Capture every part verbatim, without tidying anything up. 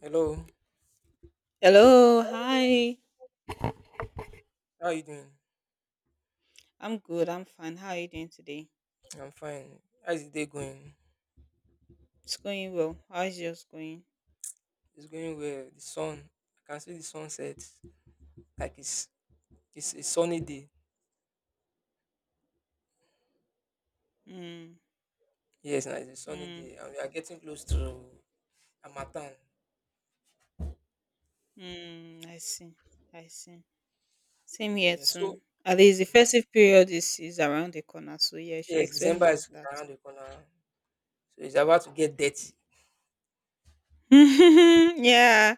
Hello, Hello, hi. how are you doing? I'm good. I'm fine. How are you doing today? I'm fine. How's the day going? It's going well. How's yours going? It's going well. The sun, I can see the sunset. Like it's it's a sunny day. Hmm. Yes, now it's a sunny Hmm. day, and we are getting close to Amatan. Hmm. I see. I see. Same here Yeah, so too. At least the festive period is is around the corner, so yeah, you should yes, expect December more of is that. around the corner, so it's about to get dirty. Yeah.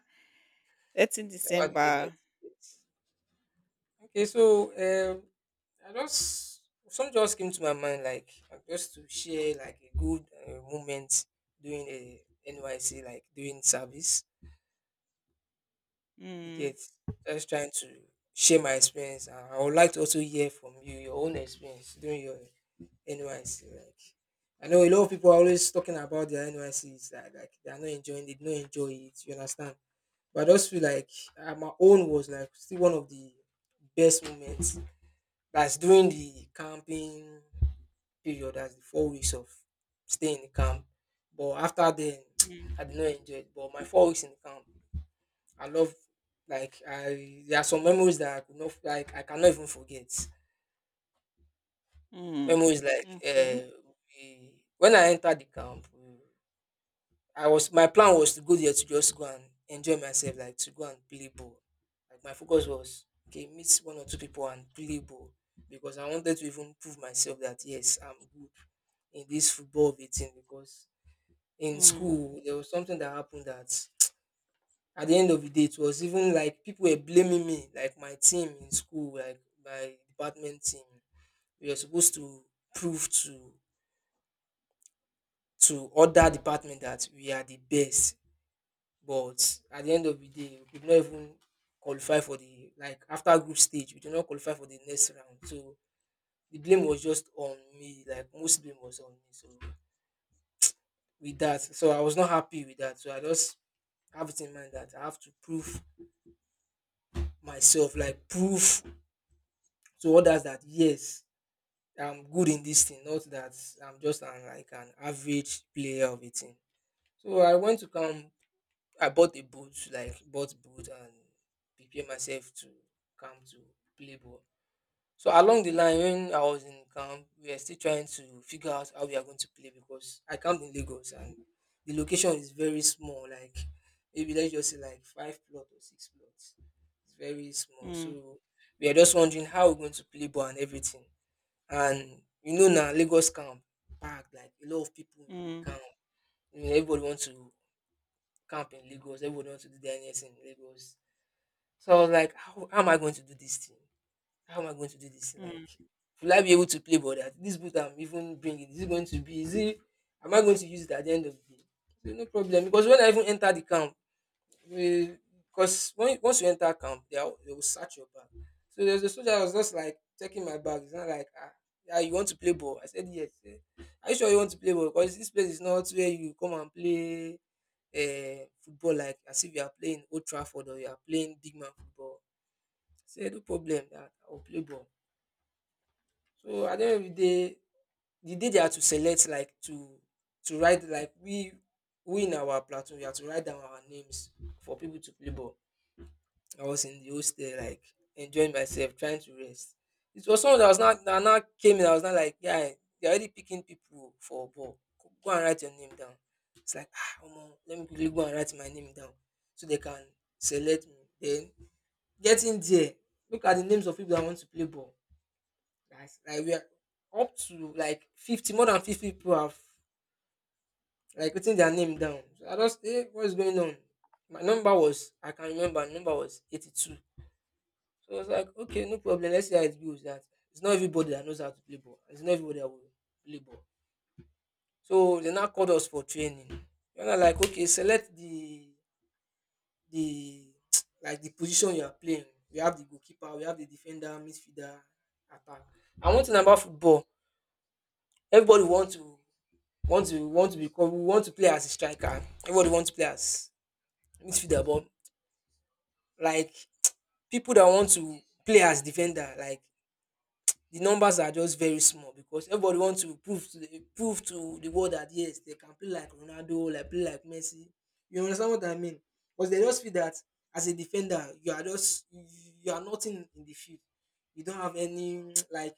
That's in It's about to get dirty. December. Yes. Okay, so um, I just something just came to my mind, like uh, just to share like a good uh, moment doing a N Y C, like doing service. You Hmm. get just trying to share my experience. And I would like to also hear from you your own experience during your N Y C. Like I know a lot of people are always talking about their N Y Cs that like they are not enjoying, they do not enjoy it. You understand? But I just feel like uh, my own was like still one of the best moments. That's during the camping period. That's the four weeks of staying in the camp. But after then, Hmm. I did not enjoy it. But my four weeks in the camp I love, like I there are some memories that I could not, like I cannot even forget. Hmm. Memories like Okay. uh, we, when I entered the camp, we- I was my plan was to go there to just go and enjoy myself, like to go and play ball. Like my focus was okay, meet one or two people and play ball because I wanted to even prove myself that yes, I'm good in this football of a team because in Hmm. school there was something that happened that at the end of the day, it was even like people were blaming me, like my team in school, like my department team. We were supposed to prove to to other department that we are the best, but at the end of the day, we could not even qualify for the, like after group stage, we did not qualify for the next round. So the blame was just on me, like most blame was on me. So with that, so I was not happy with that. So I just have it in mind that I have to prove myself, like prove to others that yes I'm good in this thing, not that I'm just an, like an average player of a team. So I went to camp, I bought a boot, like bought boot and prepare myself to come to play ball. So along the line when I was in camp, we were still trying to figure out how we are going to play because I camped in Lagos and the location is very small, like maybe let's just say like five plots or six plots. It's very small, Hmm. so we are just wondering how we're going to play ball and everything. And you know now Lagos camp packed, like a lot of people Hmm. in camp. You know, everybody wants to camp in Lagos, everybody wants to do their N S in Lagos. So I was like, how, how am I going to do this thing? How am I going to do this thing? Like, Hmm. will I be able to play ball, that this boot I'm even bringing? Is it going to be, is it, am I going to use it at the end of the day? So, no problem. Because when I even entered the camp, because when once you enter camp, they, are, they will search your bag. So there's a soldier that was just like checking my bag. He's not like, ah, yeah, you want to play ball? I said yes. He said, are you sure you want to play ball? Because this place is not where you come and play uh, football like as if you are playing Old Trafford or you are playing big man football. I said no problem, that I will play ball. So at the end of the day, the day they had to select, like to to write, like we we in our platoon we had to write down our names for people to play ball. I was in the hostel, like enjoying myself, trying to rest. It was someone that was not that now came in. I was not like, yeah, they're already picking people for ball. Go go and write your name down. It's like, ah, omo, let me quickly go and write my name down so they can select me. Then get in there. Look at the names of people that want to play ball. Guys, like we are up to like fifty, more than fifty people have like written their name down. So I just, hey, what's going on? My number was, I can remember, my number was eighty-two. So I was like, okay, no problem. Let's see how it goes. That it's not everybody that knows how to play ball. It's not everybody that will play ball. So they now called us for training. And I, like, okay, select the the like the position you are playing. We have the goalkeeper, we have the defender, midfielder, attack. And one thing about football, everybody want to want to want to become we want to play as a striker. Everybody wants to play as midfielder, but like people that want to play as defender, like the numbers are just very small because everybody wants to prove to the prove to the world that yes they can play like Ronaldo, like play like Messi. You understand what I mean? Because they just feel that as a defender, you are just you are nothing in the field. You don't have any like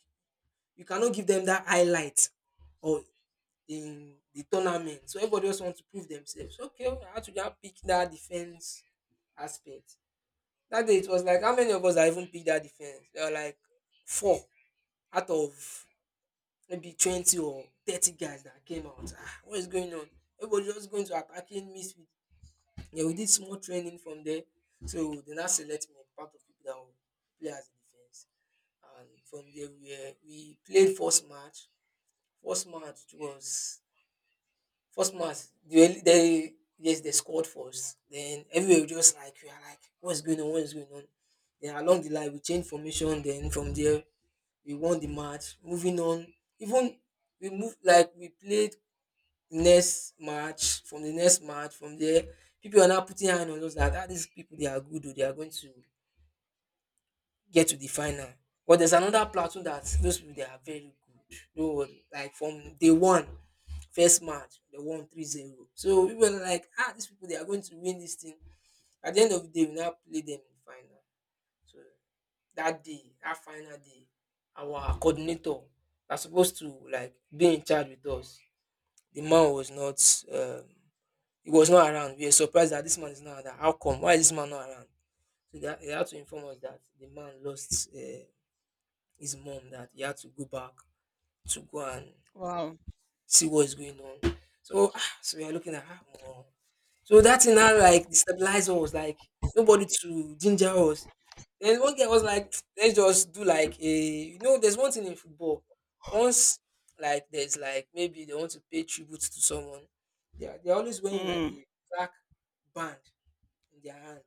you cannot give them that highlight or in the tournament. So everybody just wants to prove themselves. Okay, I had to just pick that defense aspect. That day it was like how many of us are even picked that defense? There were like four out of maybe twenty or thirty guys that came out. Ah, what is going on? Everybody just going to attacking me. With- Yeah, we did small training from there. So they now select me part of people that will play as a defense. And from there we, uh, we played first match. First match was first match they, they yes they scored first. Then everywhere we just like we are like what's going on, what is going on? Then along the line we changed formation then from there we won the match. Moving on, even we moved, like we played next match, from the next match, from there, people are now putting hand on those that ah, these people they are good, oh, they are going to get to the final. But there's another platoon that those people they are very good. Don't worry. Like from day one, first match, they won three zero. So we were like, ah, these people they are going to win this thing. At the end of the day, we now play them in the final. So that day, that final day, our coordinator that's supposed to like be in charge with us. The man was not um, he was not around. We were surprised that this man is not around. How come? Why is this man not around? So they, ha- they had to inform us that the man lost uh, his mom, that he had to go back to go and Wow. see what is going on. So, ah, so we are looking at ah, omo. So that thing now like destabilized us, like nobody to ginger us. Then one guy was like, let's just do like a, you know, there's one thing in football. Once like there's like maybe they want to pay tribute to someone, they're they're always wearing like Hmm. a black band in their hand.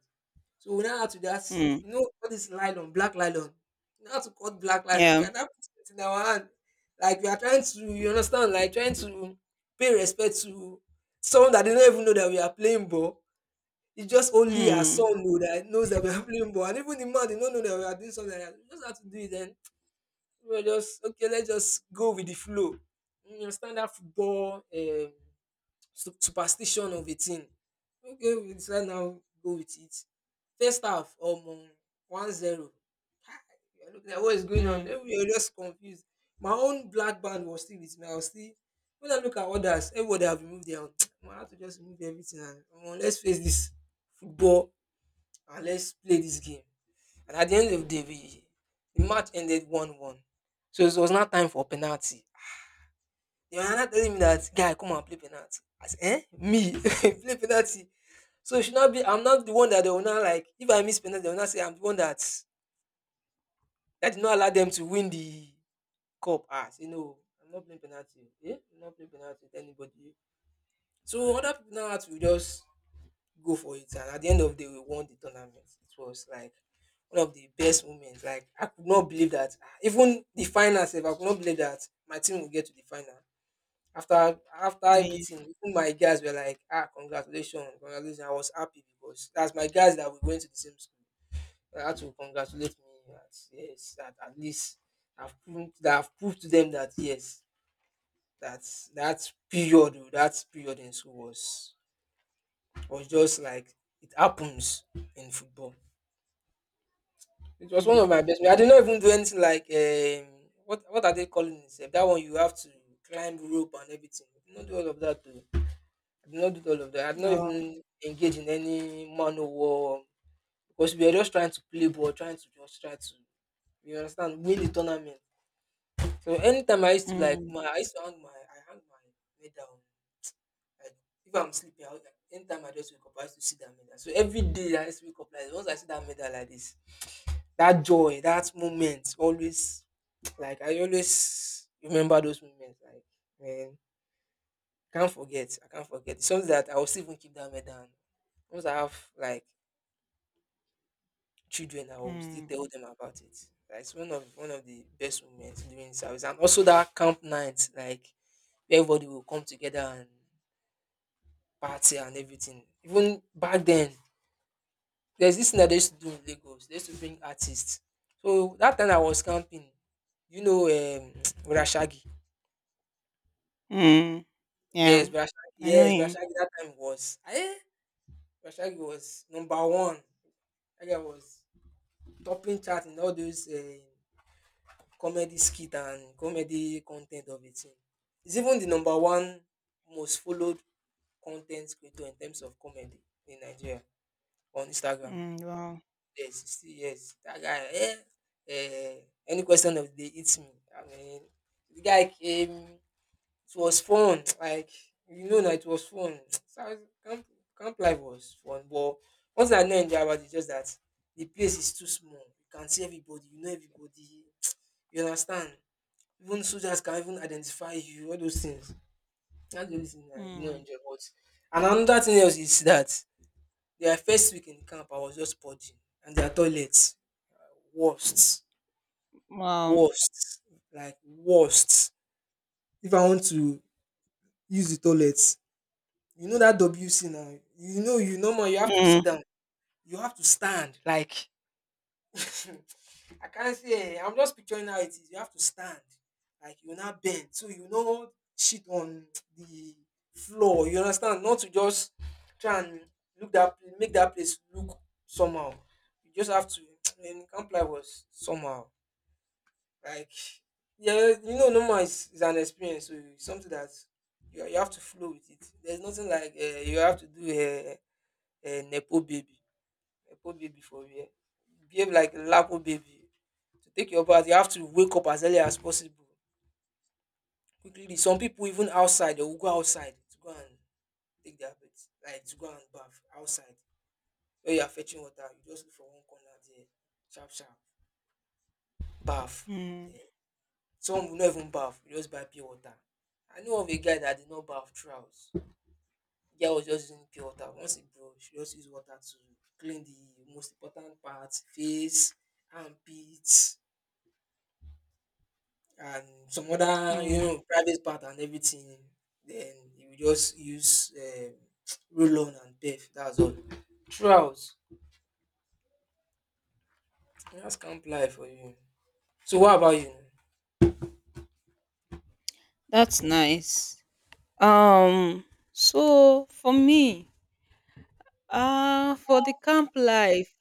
So we now had to just, Hmm. you know, all this nylon, black nylon. We now had to cut black nylon. We Yeah. had to put it in our hand. Like we are trying to, you understand, like trying to pay respect to someone that didn't even know that we are playing ball. It's just only our Hmm. son know that knows that we are playing ball. And even the man did not know that we are doing something like that. We just had to do it then. We were just okay, let's just go with the flow. You understand that football um su- superstition of a thing. Okay, we decide now go with it. First half, um, one zero. You're looking at what is going on. Hmm. Then we are just confused. My own black band was still with me. I was still when I look at others, everybody have removed their own. I had to just remove everything and um, let's face this football and let's play this game. And at the end of the day, we, the match ended one one. So it was not time for penalty. They were not telling me that guy come and play penalty. I said, eh? Me play penalty. So it should not be, I'm not the one that they will not like, if I miss penalty, they will not say I'm the one that that did not allow them to win the cup. As you know, I'm not playing penalty. Yeah, I'm not playing penalty with anybody. So other people now had to just go for it. And at the end of the day, we won the tournament. It was like one of the best moments. Like I could not believe that ah, even the final save, I could not believe that my team will get to the final. After after Yeah, yeah. everything, even my guys were like, ah, congratulations, congratulations. I was happy because that's my guys that we went to the same school. I had to congratulate me that yes, that at least I've proved, that I've proved to them that yes, that that period oh, that period in school was was just like it happens in football. It was one of Hmm. my best. I did not even do anything like um, what what are they calling it? Sef? That one you have to climb rope and everything. I did not do all of that. Too. I did not do all of that. I did not No. even engage in any man war because we were just trying to play ball, trying to just try to, you understand, win the tournament. So anytime I used to like Mm, my I used to hang my I hang my medal on, like, if I'm sleeping, I would, like, anytime I just wake up, I used to see that medal. So every day I used to wake up like once I see that medal like this, that joy, that moment always, like I always remember those moments. Like, man, can't forget. I can't forget. It's something that I will still even keep that medal. And once I have like children, I will still mm, tell them about it. Like it's one of one of the best moments during service, and also that camp night, like where everybody will come together, party and everything. Even back then, there's this thing that they used to do in Lagos. They used to bring artists. So that time I was camping, you know, um, Rashagi. mm. Yes, Yeah, Rashagi. I know Yes, you. Rashagi. That time was, eh? Rashagi was number one. That guy was topping chart in all those uh, comedy skit and comedy content of it. He's even the number one most followed content creator in terms of comedy in Nigeria on Instagram. Mm, wow. Yes, sixty years. That guy, eh, eh, any question of the day hits me. I mean, the guy came, it was fun. Like, you know, now it was fun. So I was, camp, camp life was fun. But once I know in Java, it's just that the place is too small. You can see everybody, you know everybody. You understand? Even soldiers can even identify you, all those things. That's the only thing I did not Mm, enjoy. But and another thing else is that their first week in camp, I was just purging, and their toilets. Worst, wow. worst, like worst. If I want to use the toilet, you know that W C now. You know you no more. You have to sit Mm, down. You have to stand. Like I can't say. I'm just picturing how it is. You have to stand. Like you not bend, so you know shit on the floor. You understand? Not to just try and look that make that place look somehow. You just have to. And can't play was somehow. Like, yeah, you know, normal is, is an experience, so it's something that you, you have to flow with it. There's nothing like uh, you have to do a, a nepo baby, nepo baby for real. Behave like a lapo baby. To take your bath, you have to wake up as early as possible. Quickly, leave. Some people even outside, they will go outside to go and take their bath, like to go and bath outside. Where you are fetching water, you just look for one corner there, sharp, sharp, bath. mm, Some will not even bath. Will just buy pure water. I know of a guy that did not bath throughout. The guy was just using pure water. Once he brush, he just use water to clean the most important parts, face, armpits, and some other, you mm. know, private part and everything. Then he will just use um, roll on and pef. That's all. Throughout. That's camp life for you. So what about you? That's nice. Um, so for me, uh, for the camp life,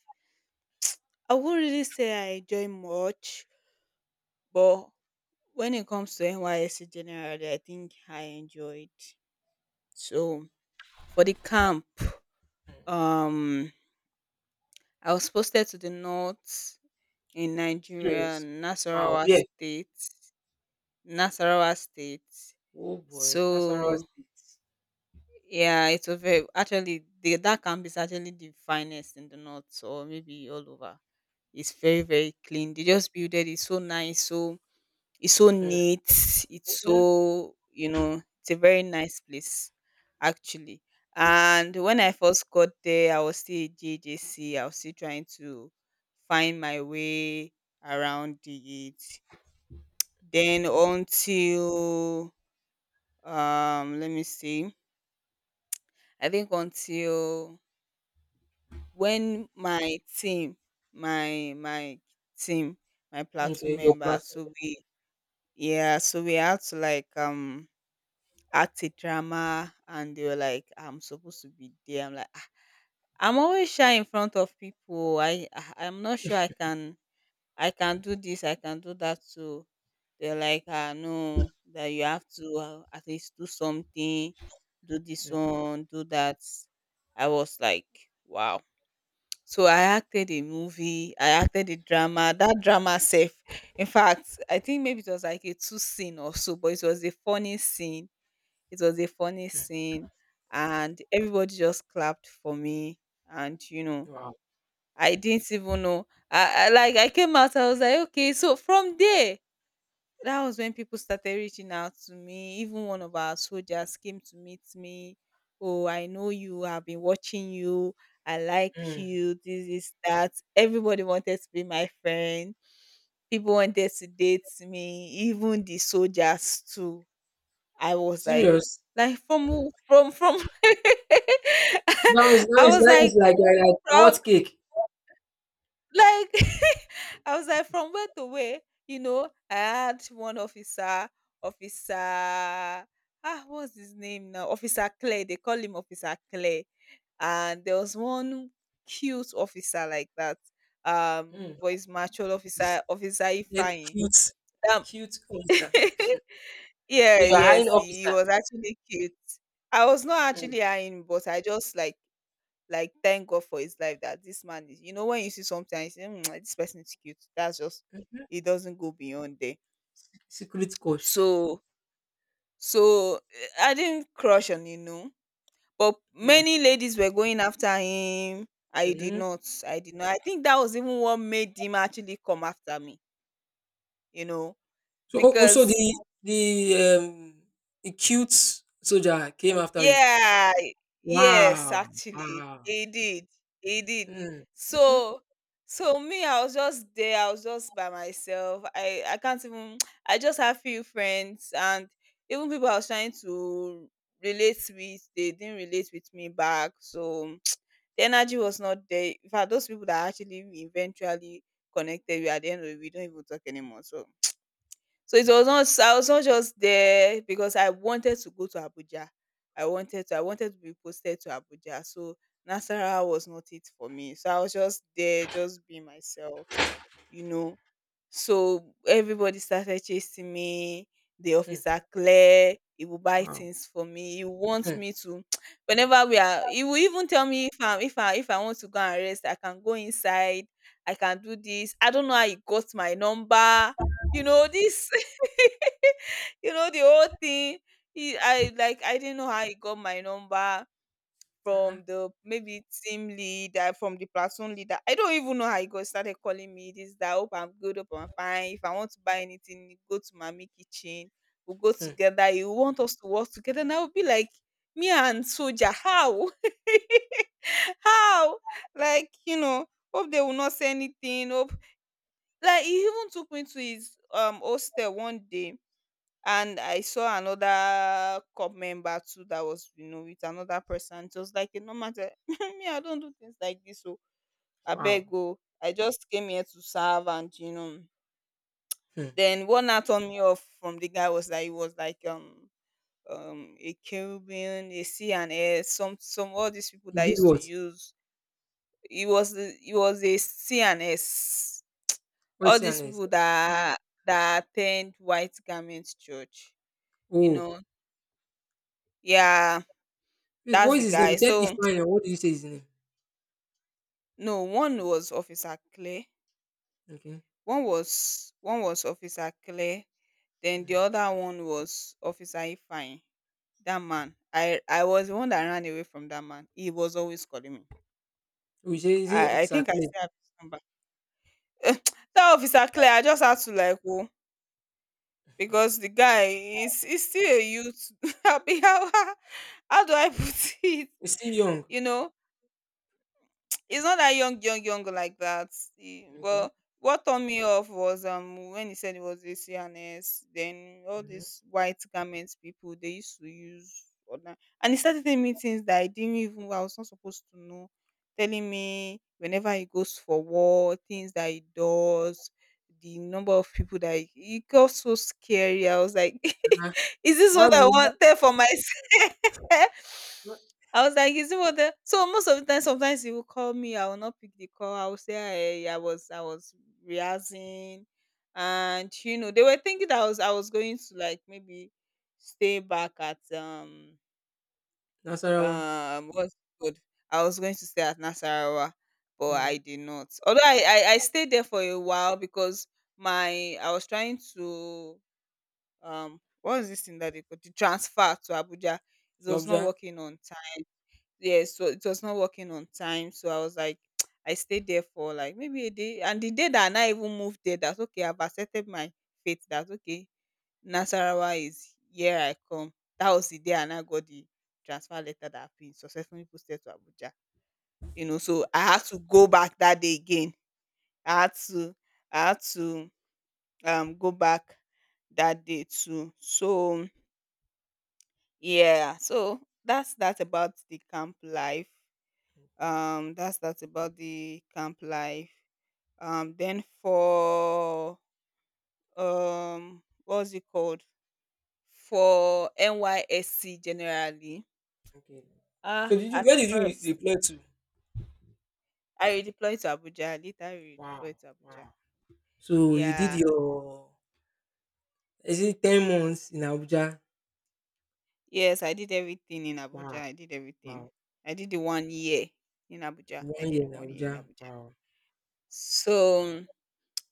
I would really say I enjoy much, but when it comes to N Y S C generally, I think I enjoyed. So for the camp, Hmm. um, I was posted to the north in Nigeria, Serious. Wow, Nasarawa yeah. State, Nasarawa State. Oh boy, Nasarawa So State. yeah, it's was very actually the, that camp is actually the finest in the north or maybe all over. It's very very clean. They just built it. It's so nice. So it's so Hmm. neat. It's so, you know, it's a very nice place actually. And when I first got there, I was still a J J C. I was still trying to find my way around it. Then until um let me see. I think until when my team, my my team, my Okay, platoon your member, platform. so we yeah, so we had to like um act a drama and they were like, I'm supposed to be there. I'm like, "Ah, I'm always shy in front of people. I I- I'm not sure I can I can do this, I can do that too." They're like, "Ah, no, that you have to, uh, at least do something, do this Okay. one, do that." I was like, wow. So I acted a movie, I acted a drama. That drama self, in fact, I think maybe it was like a two scene or so, but it was a funny scene. It was a funny scene, and everybody just clapped for me. And you know, Wow. I didn't even know. I, I like I came out, I was like, okay, so from there that was when people started reaching out to me. Even one of our soldiers came to meet me. "Oh, I know you. I've been watching you. I like Mm. you. This is that." Everybody wanted to be my friend. People wanted to date me. Even the soldiers too. I was like, Serious. like from who- from from. That was that I is was that is like like like, like from what cake. like I was like, from where to where? You know, I had one officer, officer, ah, what's his name now? Officer Clay. They call him Officer Clay. And there was one cute officer like that. Um, Mm. but he's mature You officer, officer said Ifeanyi. cute, Um, cute officer. yeah, So you're hiring yes, he officer. was actually cute. I was not Mm. actually eyeing, but I just like like thank God for his life that this man is. You know, when you see something, and you say, "Hmm, this person is cute." That's just it doesn't go beyond there. Secret coach. So so eh, I didn't crush on Inu, but Mm. many ladies were going after him. I did Mhm. not. I did not. I think that was even what made him actually come after me, you know, So oh, oh, so the because the um the cute soldier came after you. yeah. Yes, Wow. actually. Wow. He did. He did. Mm. Mm-mm. So so me, I was just there, I was just by myself. I, I can't even I just have few friends and even people I was trying to relate with, they didn't relate with me back. So the energy was not there. In fact, those people that I actually eventually connected with at the end of the day, we don't even talk anymore. So so it Mm. was not I was not just there because I wanted to go to Abuja. I wanted to I wanted to be posted to Abuja. So Nasarawa was not it for me. So I was just there, just being myself, you know. So everybody started chasing me. The Mm. officer Claire, he will buy Wow. things for me. He wants Mm. me to whenever we are he will even tell me if I'm if I if I want to go and rest, I can go inside, I can do this. I don't know how he got my number. You know, this you know the whole thing he I like I didn't know how he got my number Uh-uh. from the maybe team leader from the platoon leader I don't even know how he got started calling me this that hope I'm good hope I'm fine if I want to buy anything go to mommy kitchen we'll go Mm. together he want us to work together and I will be like me and soldier how how like you know hope they will not say anything hope like he even took me to his um hostel one day and I saw another cop member too that was, you know, with another person. It was like a normal thing. Me, I don't do things like this. So I Wow. beg go. I just came here to serve and you know. Mm. Then what now turned me off from the guy was that he was like um um a Caribbean, a C and S, some some all these people You that did used to what? use. He was the- he was a C and S. All What's your these name? people that that attend white garment church, you Oh. know. Yeah, Wait, that's what the is his name? You guy. said So Ifeanyi. Or what did you say his name? no, one was Officer Clay. Okay. One was one was Officer Clay. Then Mm. the other one was Officer Ifine. That man. I I was the one that ran away from that man. He was always calling me. Oh, you say is he I I Officer think I Clay? still have his number. That Officer Clay, I just had to like whoa. Because the guy is is still a youth. Abi, how, how do I put it? He's still young. You know, it's not that young, young, young like that. Eh, Okay. but what turned me off was um when he said it was a C N S, then all Mm-hmm. these white garments people they used to use online. And he started telling me things that I didn't even I was not supposed to know. Telling me whenever he goes for war, things that he does, the number of people that he, it got so scary. I was like, Uh-huh. is this Why what I would, wanted for myself? why- I was like, is it what the so most of the time sometimes he will call me, I will not pick the call. I will say I, I was I was rehearsing and you know, they were thinking that I was I was going to like maybe stay back at um Nasarawa? um what's it called? I was going to stay at Nasarawa, but Mm. I did not. Although I, I, I stayed there for a while because my I was trying to um what is this thing that they could to transfer to Abuja. It was not Georgia. working on yes so it was not working on time so I was like I stayed there for like maybe a day and the day that I even moved there that's okay I've accepted my fate that's okay nasarawa is here I come that was the day and I got the transfer letter that I've been successfully posted to abuja you know so I had to go back that day again i had to i had to um go back that day too so yeah so that's that about the camp life Mhm. um that's that's about the camp life um then for um what's it called for nysc generally Okay. So ah. did you, where At did you re- first reply to? I redeployed to abuja later I Wow. redeployed to abuja Wow. So you did yeah your, is it ten months in Abuja? yes I did everything in abuja Wow. I did everything Wow. I did the one year in abuja I One did year the in one year in Abuja. abuja Wow. Wow. so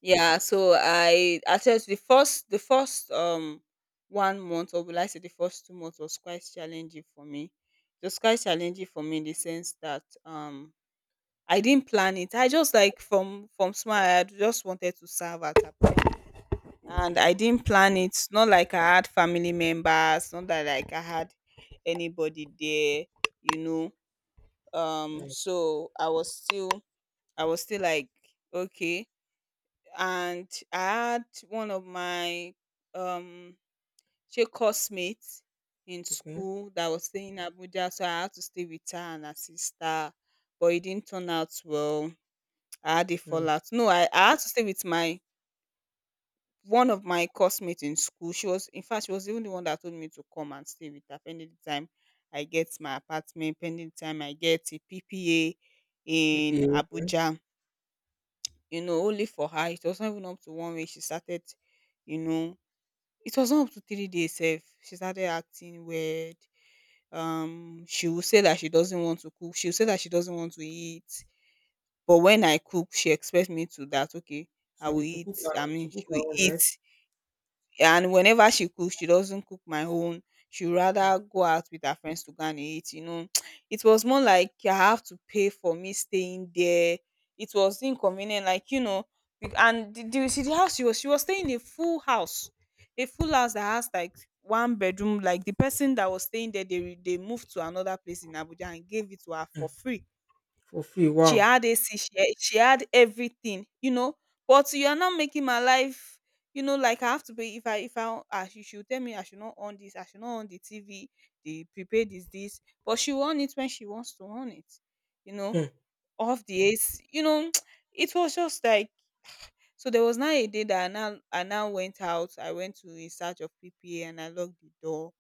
yeah, so I I tell you the first the first um one month or will I say the first two months was quite challenging for me. It was quite challenging for me in the sense that um I didn't plan it. I just like from from small I had just wanted to serve at a point. And Okay. I didn't plan it. Not like I had family members, not that like I had anybody there, you know. Um Mm. so I was still I was still like okay and I had one of my um she classmates in Okay. school that was staying in Abuja, so I had to stay with her and her sister, but it didn't turn out well. I had a Mm. fallout. No, I, I had to stay with my one of my classmates in school. She was in fact she was even the one that told me to come and stay with her pending the time I get my apartment, pending the time I get a P P A in E P A, okay. Abuja. You know, only for her. It was not even up to one week. She started you know it was not up to three days sef. She started acting weird, um, she would say that she doesn't want to cook, she would say that she doesn't want to eat, but when I cook, she expects me to that, okay, I So you will took eat, cook our, I to mean, she cook our will own, right? eat. And whenever she cooks, she doesn't cook my own. She rather go out with her friends to go and eat. You know, it was more like I have to pay for me staying there. It was inconvenient, like you know, be- and the, the, see the house she was she was staying in a full house, a full house that has like one bedroom. Like the person that was staying there, they re- they moved to another place in Abuja and gave it to her Hmm. for free. For free, She wow! had A C, she she had everything, you know, but you are not making my life, you know, like I have to pay if I if I ah she should tell me I should not on this, I should not on the T V, the prepaid is this, but she will on it when she wants to on it, you know, Hmm, off the A C, you know, it was just like, so there was now a day that I now I now went out. I went to in search of P P A and I locked the door,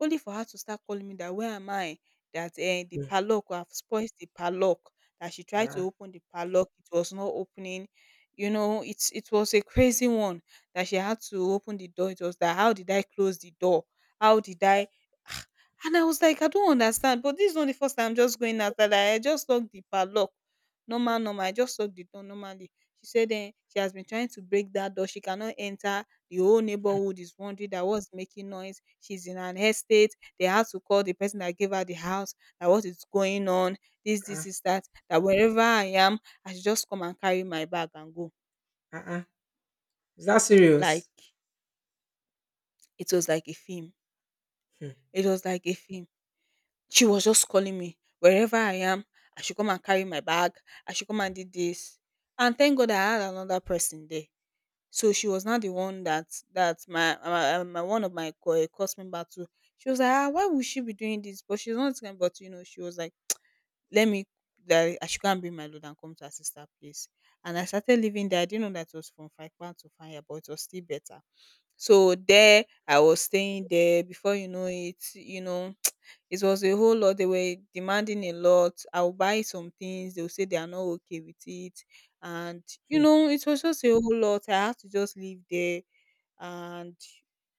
only for her to start calling me that where am I? That eh, the hmm. padlock, I've spoiled the padlock. That she tried to Ah, open the padlock, it was not opening. You know, it's it was a crazy one that she had to open the door. It was that how did I close the door? How did I? And I was like, I don't understand. But this is not the first time. I'm just going after that. I just locked the padlock. Normal, normal. I just locked the door normally. She said then she has been trying to break that door. She cannot enter. The whole neighborhood is wondering that what's making noise. She's in an estate. They have to call the person that gave her the house that what is going on. This, ah, this is that. That wherever I am, I should just come and carry my bag and go. ah, ah. Is that Like, serious? it was like a film. Hmm, It was like a film. She was just calling me wherever I am. I should come and carry my bag. I should come and do this. And thank God I had another person there. So she was not the one that that my my, um, my one of my co- eh, course member too. She was like, ah, why would she be doing this? But she's not going. But you know, she was like, let me, that I should go and bring my load and come to her sister place. And I started living there. I didn't know that it was from five pound to five, but it was still better. So there I was staying there. Before you know it, you know, it was a whole lot. They were demanding a lot. I'll buy some things. They'll say they are not okay with it. And you hmm. know, it was just a whole lot. I had to just live there. And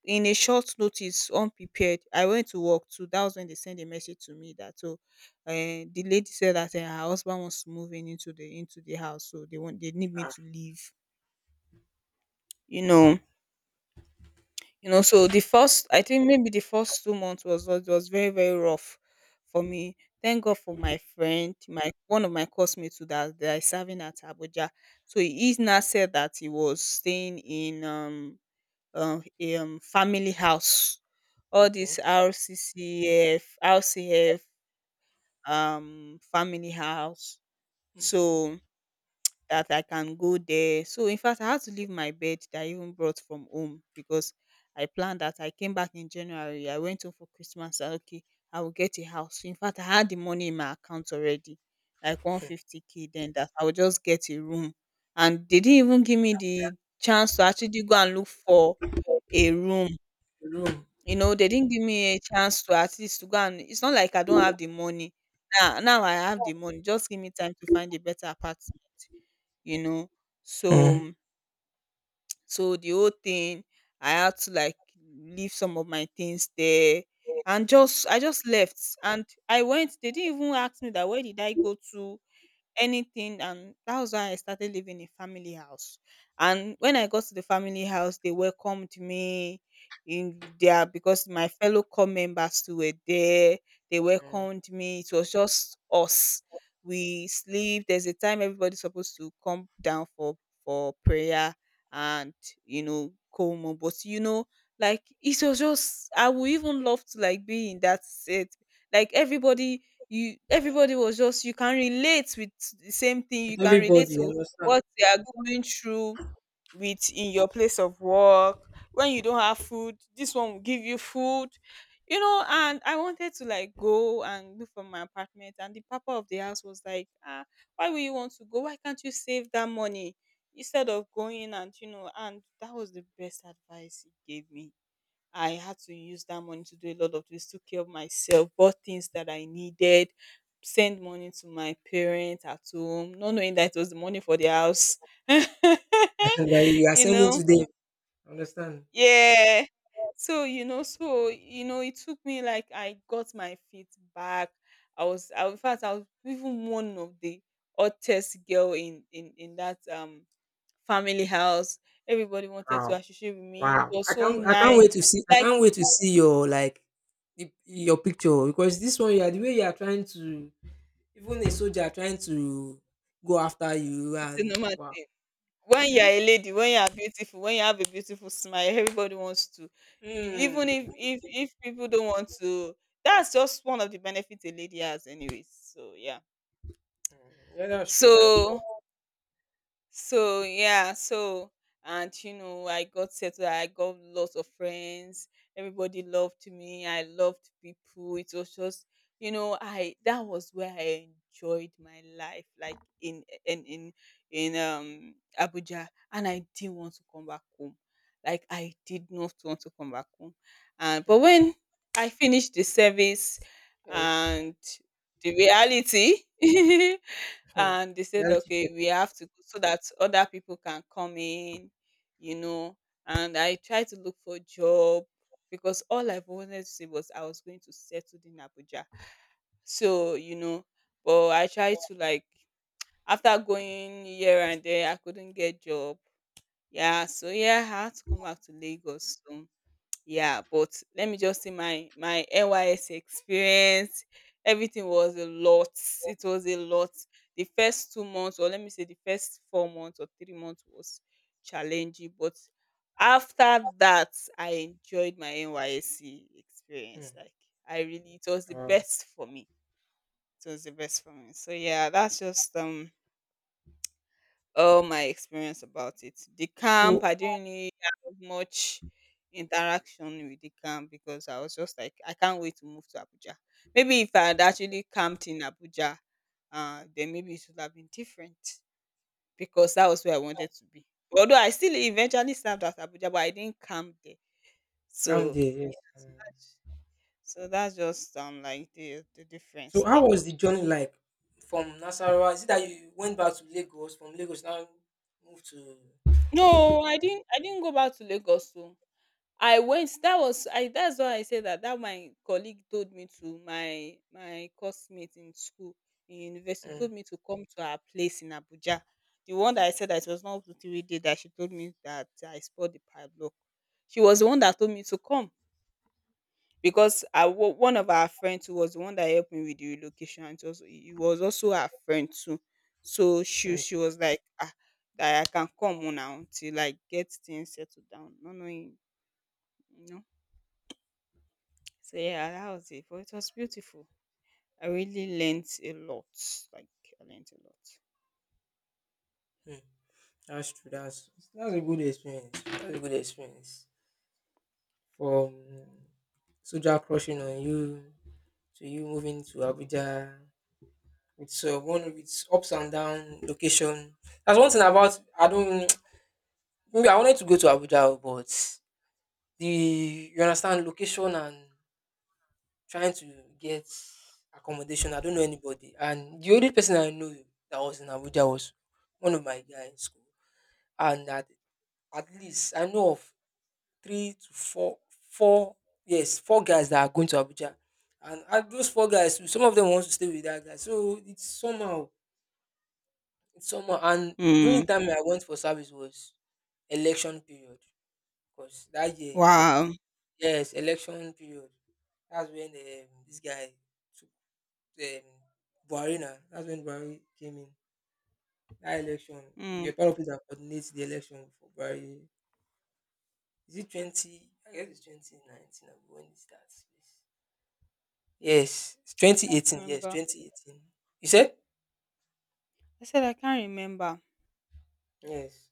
in a short notice, unprepared, I went to work too. That was when they sent a message to me that, so eh, the lady said that eh, her husband wants to move in into the into the house, so they want, they need me Ah, to leave, you know. wow. You know, so the first, I think maybe the first two months was was, was very very rough for me. Thank God for my friend, my one of my classmates, who that, that is serving at Abuja. So he now said that he was staying in um um, a, um family house, all Okay, this R C C F R C F um family house, okay. so that I can go there. So in fact I had to leave my bed that I even brought from home, because I planned that I came back in January. I went home for Christmas and okay, I will get a house. In fact I had the money in my account already, like one hundred fifty k then, that I will just get a room. And they didn't even give me the chance to actually go and look for a room. Room. You know, they didn't give me a chance to, at least to go. And it's not like I don't have the money. Now now I have the money. Just give me time to find a better apartment, you know. Mm. So so the whole thing, I had to like leave some of my things there and just I just left. And I went, they didn't even ask me that where did I go to, anything. And that was why I started living in family house. And when I got to the family house, they welcomed me in there because my fellow core members too were there. They Mm. welcomed me. It was just us. We sleep. There's a time everybody's supposed to come down for for prayer and you know, come. But you know, like, it was just, I would even love to like be in that set. Like, everybody you everybody was just, you can relate with, the same thing With you can relate everybody, you to understand? what they are going through with in your place of work. When you don't have food, this one will give you food, you know. And I wanted to like go and look for my apartment, and the papa of the house was like, ah, why will you want to go, why can't you save that money instead of going? And you know, and that was the best advice he gave me. I had to use that money to do a lot of things, took care of myself, bought things that I needed, send money to my parents at home, not knowing that it was the money for the house. that you are You sending know? today. Understand? Yeah. So, you know, so you know, it took me like, I got my feet back. I was, I, in fact I was even one of the oddest girl in in in that um family house. Everybody wanted to Wow, associate with me. wow. It was I so can't, I can't nice. wait to see. I Like, can't wait to see your, like, the, your picture because this one, yeah, the way you are trying to, even a soldier trying to go after you, it's a and normal wow. thing. When you Hmm? are a lady, when you are beautiful, when you have a beautiful smile, everybody wants to, even Hmm. if if if people don't want to, that's just one of the benefits a lady has anyways. So yeah. Hmm. Yeah, that's true. That's true. So so yeah, so and you know, I got settled. I got lots of friends. Everybody loved me. I loved people. It was just, you know, I, that was where I enjoyed my life, like in in in in um Abuja, and I didn't want to come back home. Like, I did not want to come back home. And but Hmm. when I finished the service Yes. and the reality Hmm, and they said reality okay, check. we have to go so that other people can come in, you know. And I tried to look for job, because all I wanted to say was, I was going to settle in Abuja. So you know, but I tried to like, after going here and there, I couldn't get job. Yeah, so yeah, I had to come back to Lagos. So. Yeah, but let me just say my my N Y S experience, everything was a lot. It was a lot. The first two months, or let me say the first four months or three months, was challenging. But after that, I enjoyed my N Y S C Hmm. experience. Like, I really, it was the Wow. best for me. It was the best for me. So yeah, that's just um all my experience about it. The camp, So, I didn't really have much interaction with the camp, because I was just like, I can't wait to move to Abuja. Maybe if I had actually camped in Abuja, uh, then maybe it would have been different, because that was where I wanted to be. Although I still eventually served at Abuja, but I didn't camp there. calm So there, yeah, yes. So mm. that's, so that's just um like the the So difference how there. was the journey like from Nasarawa? Is it that you went back to Lagos, from Lagos now moved to? No, I didn't. I didn't go back to Lagos. So I went. That was I. That's why I say that. That my colleague told me to, my my coursemate in school, in university, Hmm, told me to come to her place in Abuja. The one that I said that it was not up to three days that she told me that I spoiled the padlock. She was the one that told me to come, because I wa- one of our friends who was the one that helped me with the relocation, it was, it was also her friend too. So she hmm, she was like, ah, that I can come on now till like get things settled down. No, no, so yeah, that was it. But it was beautiful. I really learnt a lot. Like, I learnt a lot. hmm. That's true. That's that's a good experience. That's a good experience. From Soja crushing on you to you moving to Abuja. It's uh, one of its ups and down location. That's one thing about, I don't. Maybe I wanted to go to Abuja, but the, you understand, location and trying to get accommodation. I don't know anybody, and the only person I know that was in Abuja was one of my guys in school, and at, at least I know of three to four, four, yes, four guys that are going to Abuja, and at those four guys, some of them want to stay with that guy, so it's somehow, it's somehow, and during Mm. the time I went for service was election period, because that year, Wow. yes, election period. That's when um, this guy took um, Buhari now. That's when Buhari came in. That election, we Mm. are part of it that coordinates the election for Buhari. Is it twenty? I guess it's twenty nineteen when it starts. Yes, yes, it's I can't twenty eighteen. Yes, remember. twenty eighteen. You said? I said I can't remember. Yes.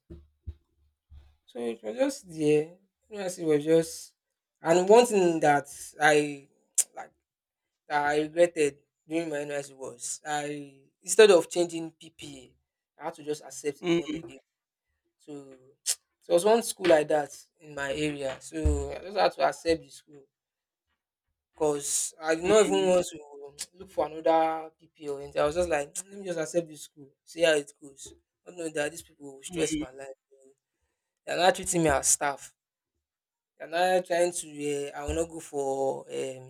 So it was just there. Yes, it was just. And one thing that I like that I regretted during my N Y S C was, I instead of changing P P A, I had to just accept the one they Mm, gave. So there was one school like that in my area. So I just had to accept the school because I did not even mm, want to look for another P P A or anything. I was just like, let me just accept this school, see how it goes. I know that these people will stress my mm. life. They're not treating me as staff. They're not trying to. Uh, I will not go for um,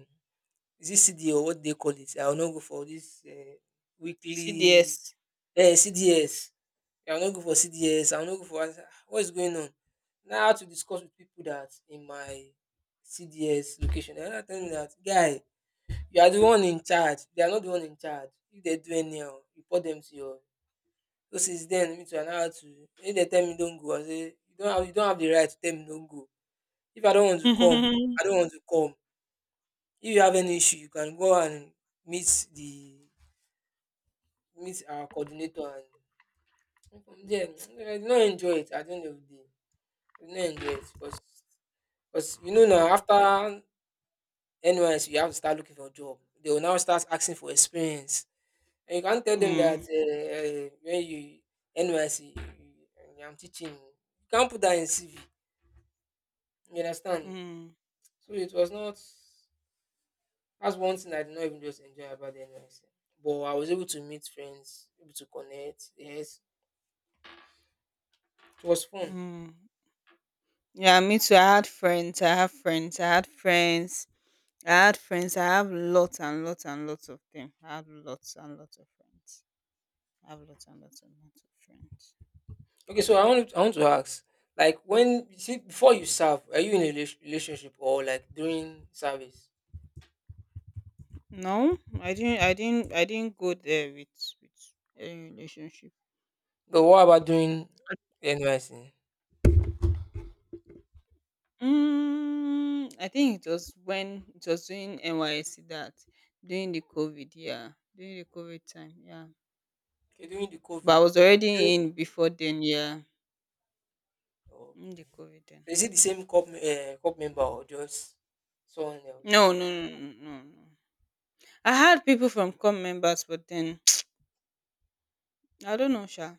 is it C D A or what they call it? I will not go for this uh, weekly C D S. uh, C D S. I will not go for C D S. I will not go for what is going on. Now I had to discuss with people that in my C D S location, they are not telling me that guy, you are the one in charge. They are not the one in charge. If they do anyhow, report them to your. So since then, me too, I now had to. If they tell me don't go, I say you don't have you don't have the right to tell me don't go. If I don't want to come, Mm, I don't want to come. If you have any issue, you can go and meet the meet our coordinator, and from there I did not enjoy it at the end of the day. I did not enjoy it because because you know now after N Y S you have to start looking for a job. They will now start asking for experience. And you can't tell them that mm, uh, uh, when you N Y C I'm teaching. You can't put that in C V. You understand? So it was not, that's one thing I did not even just enjoy about the N Y S. But I was able to meet friends, able to connect. Yes, it was fun. mm. Yeah, me too. I had friends. I have friends. I had friends. I had friends. I have lots and lots and lots of them. I have lots and lots of friends. I have lots and lots and lots of friends. Okay, so I want I want to ask, like when you see before you serve, are you in a relas- relationship or like during service? No, I didn't. I didn't. I didn't go there with with any relationship. But what about during Uh, N Y C? Mm, I think it was when, it was during N Y C that, during the COVID, yeah, during the COVID time, yeah. Okay, during the But COVID. I was Is it- already in before then, yeah, in Okay. the COVID then. So is it the same cop, uh, cop member or just someone No, else? no, no, no, no, no. I had people from come members, but then I don't know, Sha.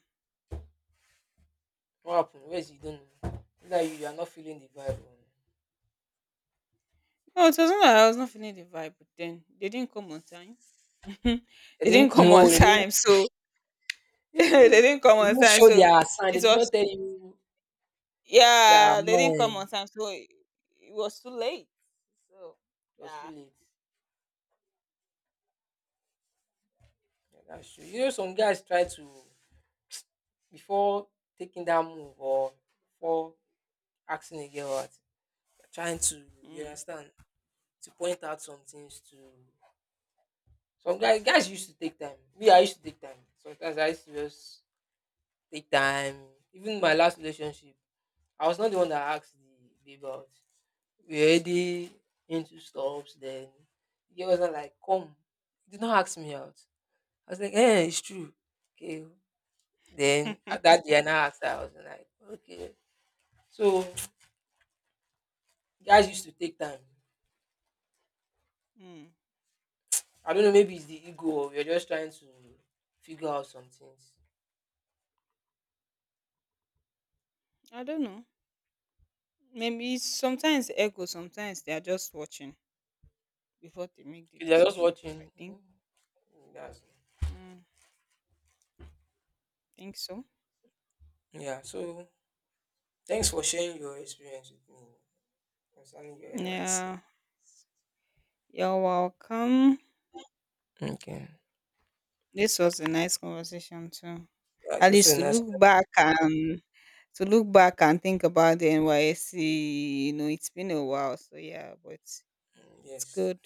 What happened? Where is, you don't know? It's like you, you are not feeling the vibe. Or- No, it wasn't that I was not feeling the vibe, but then they didn't come on time. They They didn't didn't, come on no, they didn't, time, so they eh, didn't come they on didn't time, show so their sign, they it did was, not tell you their yeah, they didn't come mind. on time, so it, it was too late. So It was too yeah. late. Yeah, that's true. You know some guys try to, before taking that move or before asking a girl out, you're trying to, you Mm. understand, to point out some things to some guys, guys used to take time. Me, I used to take time. Sometimes I used to just take time. Even my last relationship, I was not the one that asked the babe out. We were already into stops then the girl was like, come. Did not ask me out. I was like, eh, it's true. Okay. Then at that day I now asked her, I was like, okay. So guys used to take time. Mm. I don't know, maybe it's the ego or you're just trying to figure out some things. I don't know. Maybe it's sometimes ego, sometimes they are just watching before they make the Okay, they're just decision. I watching. think. Mm. That's, Mm, think so. yeah, so thanks for sharing your experience with me concerning your N Y C. Yeah. You're welcome. Okay. This was a nice conversation too. Yeah, it's At also a least to nice. look back and to look back and think about the N Y S C, you know, it's been a while. So yeah, but it's Mm, yes. good.